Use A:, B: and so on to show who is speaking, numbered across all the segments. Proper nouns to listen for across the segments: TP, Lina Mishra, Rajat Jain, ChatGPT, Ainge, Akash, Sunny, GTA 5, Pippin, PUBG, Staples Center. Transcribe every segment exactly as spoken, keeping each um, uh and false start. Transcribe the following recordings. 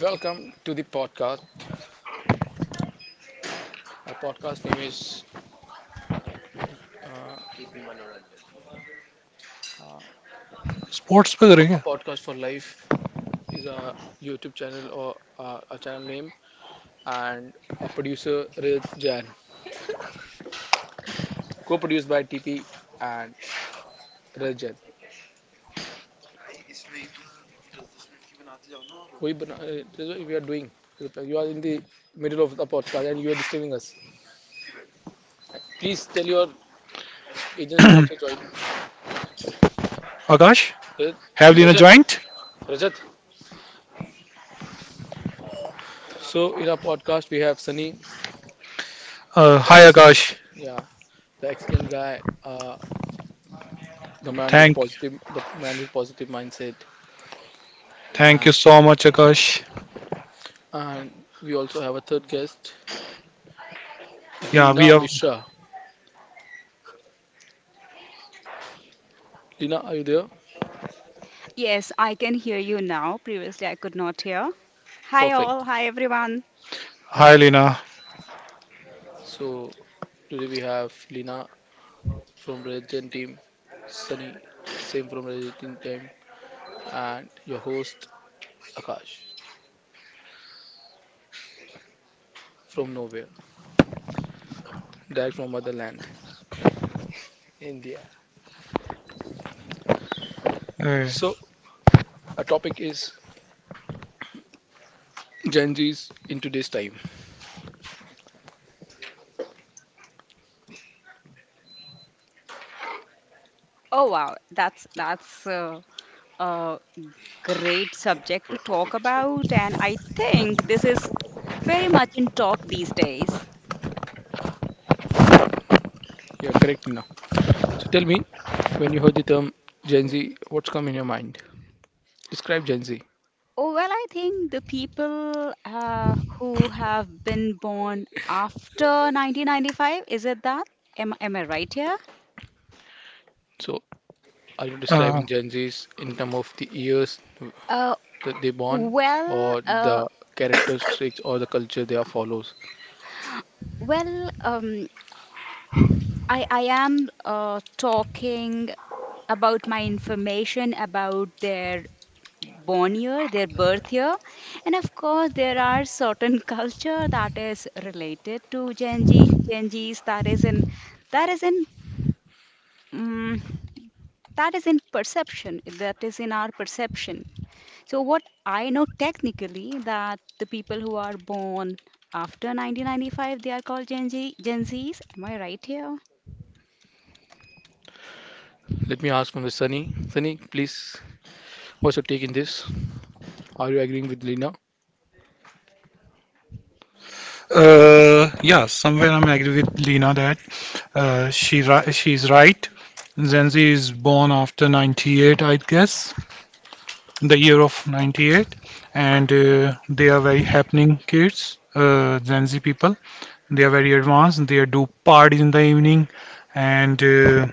A: Welcome to the podcast. Our podcast name is uh, uh,
B: Sports
A: Po- a
B: Pickering.
A: podcast for life. Is a YouTube channel or uh, a channel name, and our producer Rajat Jain, co-produced by T P and Rajat. Jain. We bana- uh, this is what we are doing. You are in the middle of the podcast and you are disturbing us. Please tell your agents to also join.
B: Akash,
A: Rajat,
B: have you
A: Rajat.
B: joined?
A: Rajat. So in our podcast we have Sunny,
B: Uh,
A: the
B: hi
A: ex-
B: Akash,
A: yeah, the excellent guy. Uh, the man with
B: thank
A: positive the man with positive mindset
B: thank
A: and
B: you so much, Akash.
A: and we also have a third guest,
B: Yeah,
A: Lina
B: we have.
A: Mishra. Lina, are you there?
C: Yes, I can hear you now. Previously, I could not hear. Hi
A: Perfect.
C: all, hi everyone.
B: Hi Lena.
A: So today we have Lina from religion team, Sunny, same from religion team, and your host Akash, from nowhere, direct from motherland India.
B: Uh,
A: So our topic is Gen Z's in today's time.
C: Oh wow, that's that's uh, a great subject to talk about, and I think this is very much in talk these days.
A: Yeah, correct, Lina. So tell me, when you heard the term Gen Z, what's come in your mind? Describe Gen Z.
C: Oh well, I think the people uh, who have been born after nineteen ninety-five, is it that? Am am I right here?
A: So, are you
B: uh,
A: describing Gen Zs in terms of the years
C: Uh,
A: that they born,
C: well,
A: or
C: uh,
A: the characteristics or the culture they are follows?
C: well, um, I I am uh, talking about my information about their born year, their birth year. And of course, there are certain culture that is related to Gen, Z, Gen Zs, that is in that is in um, that is in perception, that is in our perception. So what I know technically, that the people who are born after nineteen ninety-five, they are called Gen, Z, Gen Z's. Am I right here?
A: Let me ask from the Sunny. Sunny, please, what's your take in this? Are you agreeing with Lina?
B: uh, yeah, somewhere I'm agree with Lena that, uh, she ri- she's right. Gen is born after ninety-eight, I guess, the year of ninety-eight, and uh, they are very happening kids, uh, Gen Z people. They are very advanced. They do parties in the evening, and uh,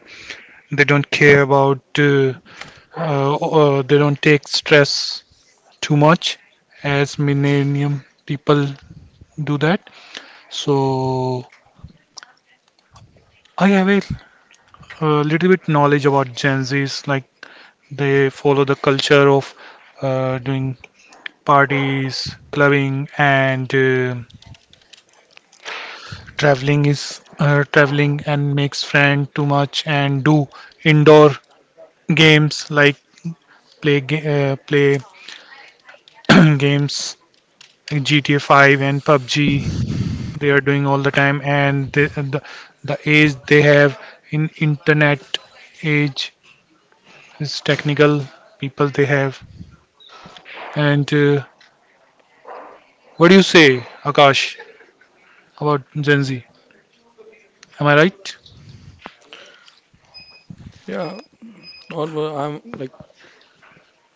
B: they don't care about, uh, uh, uh, they don't take stress too much as millennium people do that. So I have a uh, little bit knowledge about Gen Zs, like they follow the culture of uh, doing parties, clubbing, and uh, traveling is uh, traveling and makes friend too much and do indoor games like play ga- uh, play games like G T A five and PUBG they are doing all the time, and the the, the age they have in internet age is technical people they have. And uh, what do you say, Akash, about Gen Z? Am I right?
A: Yeah, all were- I'm like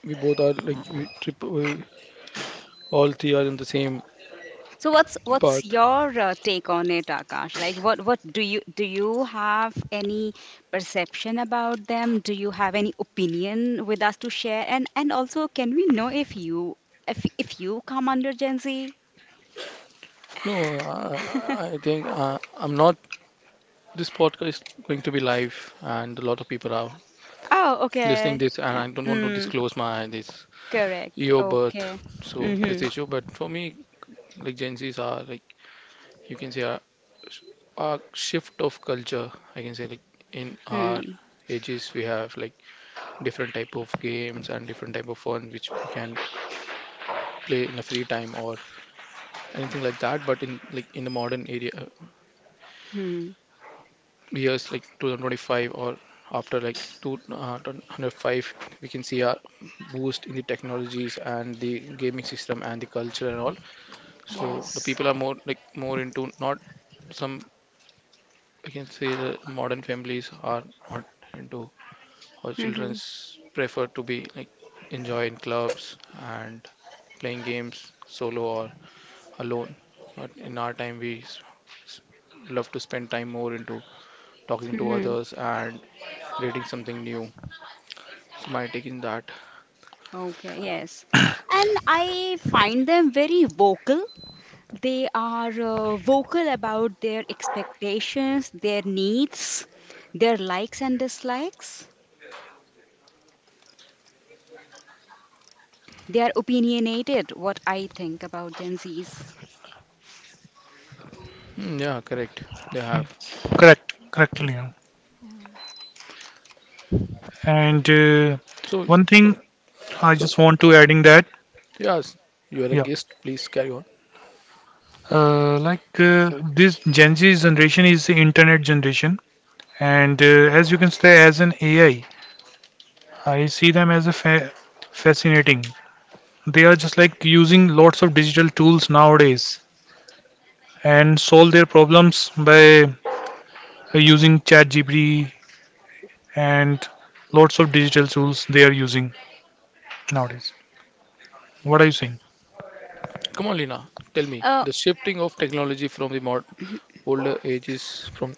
A: we both are like we trip we, all three are in the same
C: So what's what's
A: path.
C: your uh, take on it, Akash? Like, what what do you do you have any perception about them? Do you have any opinion with us to share? And and also, can we know if you if if you come under Gen Z?
A: No, I I I think uh, I'm not. This podcast is going to be live, and a lot of people are
C: Oh,
A: listening
C: okay.
A: this, and
C: Yeah.
A: I don't want to
C: Mm,
A: disclose my this.
C: correct.
A: Your birth.
C: Okay.
A: So this
C: Mm-hmm.
A: issue, but for me, like Gen Zs are like you can say a, a shift of culture. I can say like in our
C: Hmm.
A: ages we have like different type of games and different type of fun which we can play in a free time or anything like that. But in like in the modern area uh,
C: Hmm.
A: years like two thousand twenty-five or after like two thousand five we can see a boost in the technologies and the gaming system and the culture and all. So the
C: Yes.
A: people are more like more into not some. I can say the modern families are not into or
C: Mm-hmm.
A: children's prefer to be like enjoy in clubs and playing games solo or alone. But in our time we s- s- love to spend time more into talking to
C: Mm-hmm.
A: others and creating something new. So my take in that.
C: Okay. Yes. And I find them very vocal. They are uh, vocal about their expectations, their needs, their likes and dislikes. They are opinionated, what I think about Gen Zs.
A: Hmm, yeah, correct. They
B: Yeah,
A: have.
B: correct correct Leon.
C: Yeah.
B: And uh,
A: So
B: one thing
A: so
B: I
A: so
B: just want to adding that,
A: yes, you are a
B: yeah,
A: guest, please carry on.
B: uh, like uh, this Gen Z generation is the internet generation, and uh, as you can say as an AI, i I see them as a fa- fascinating. They are just like using lots of digital tools nowadays and solve their problems by uh, using ChatGPT, and lots of digital tools they are using nowadays. What are you saying?
A: Come on, Lina, tell me
C: Uh,
A: the shifting of technology from the modern older ages from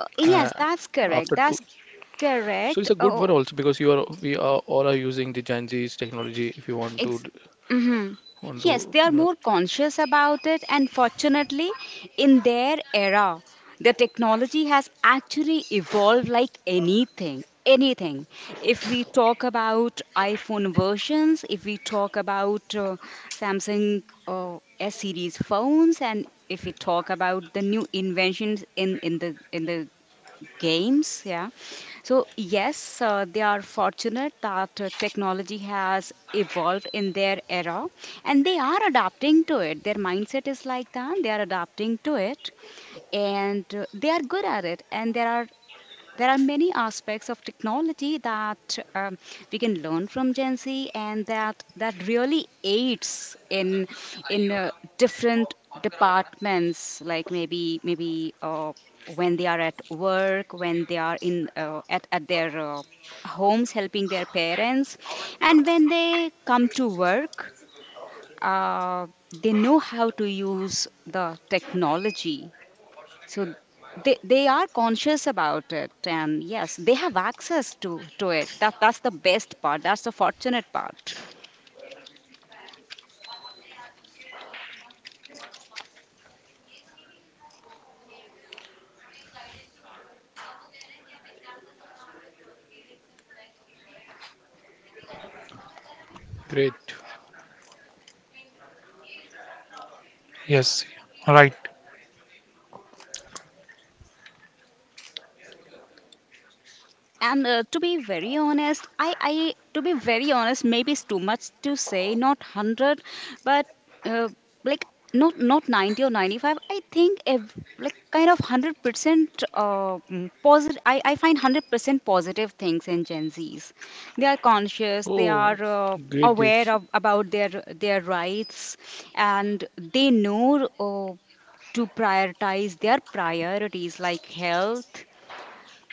C: uh,
A: uh,
C: yes, that's correct.
A: after two.
C: That's
A: So it's
C: correct.
A: a good
C: Uh,
A: one also because you are we are all are using the Gen Z's technology. If you want to
C: Ex-
A: d-
C: mhm.
A: want
C: Yes,
A: to
C: they are
A: mm,
C: more conscious about it, and fortunately, in their era, the technology has actually evolved like anything. Anything. If we talk about iPhone versions, if we talk about uh, Samsung uh, S series phones, and if we talk about the new inventions in, in the in the games, yeah. So yes, uh, they are fortunate that uh, technology has evolved in their era, and they are adapting to it. Their mindset is like that, they are adapting to it, and uh, they are good at it. And there are there are many aspects of technology that um, we can learn from Gen Z, and that that really aids in in uh, different departments, like maybe maybe uh, when they are at work, when they are in uh, at at their uh, homes helping their parents, and when they come to work, uh, they know how to use the technology. So they they are conscious about it, and yes, they have access to to it. That that's the best part, that's the fortunate part.
A: great.
B: Yes, right.
C: And uh, to be very honest, i i to be very honest, maybe it's too much to say not one hundred, but uh, like, not not ninety or ninety-five, I think, ev- like, kind of one hundred percent uh, positive. I, I find one hundred percent positive things in Gen Z's. They are conscious, they
A: Oh,
C: are uh,
A: great, great,
C: aware of about their their rights, and they know uh, to prioritize their priorities, like health.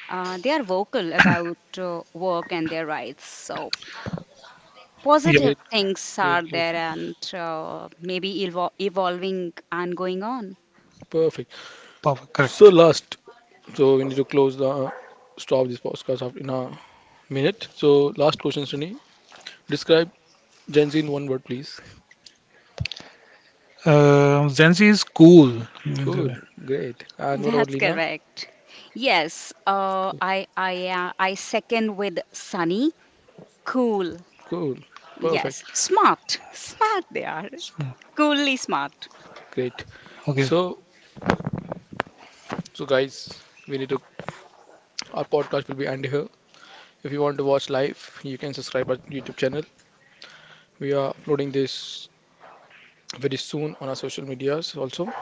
C: uh, They are vocal about uh, work and their rights. So
B: Yeah,
C: positive
A: great,
C: things
A: great,
C: are
A: great.
C: there, and uh, maybe evol- evolving and going on.
A: Perfect.
B: perfect.
A: So
B: Correct.
A: last, so we need to close the stop this podcast after in a minute. So last question, Sunny. Describe Gen Z in one word, please.
B: Uh, Gen Z is cool.
A: Cool, great. And what about
C: That's
A: Lina?
C: correct. Yes, uh, I I uh, I second with Sunny. Cool.
A: Cool.
C: Yes,
A: Perfect.
C: smart. Smart they are. Coolly smart.
A: Great.
B: Okay.
A: So, so guys, we need to our podcast will be end here. If you want to watch live, you can subscribe our YouTube channel. We are uploading this very soon on our social medias also.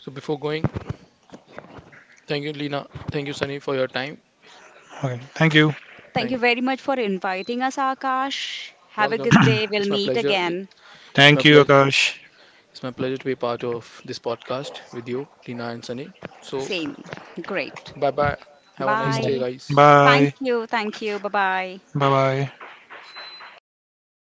A: So before going, thank you Lina, thank you Sunny for your time.
B: Okay. Thank you.
C: Thank
A: Thank
C: you
A: you.
C: very much for inviting us, Akash. Have a
A: Welcome.
C: good day. We'll
A: It's my
C: meet
A: pleasure.
C: again.
A: It's my
B: Thank you,
A: pleasure.
B: Akash.
A: It's my pleasure to be part of this podcast with you, Lina and Sunny. So
C: Same. Great.
A: bye bye. Have a nice day,
C: Bye.
A: guys.
C: Thank
B: Bye.
C: you. Thank you. Bye bye.
B: Bye. Bye.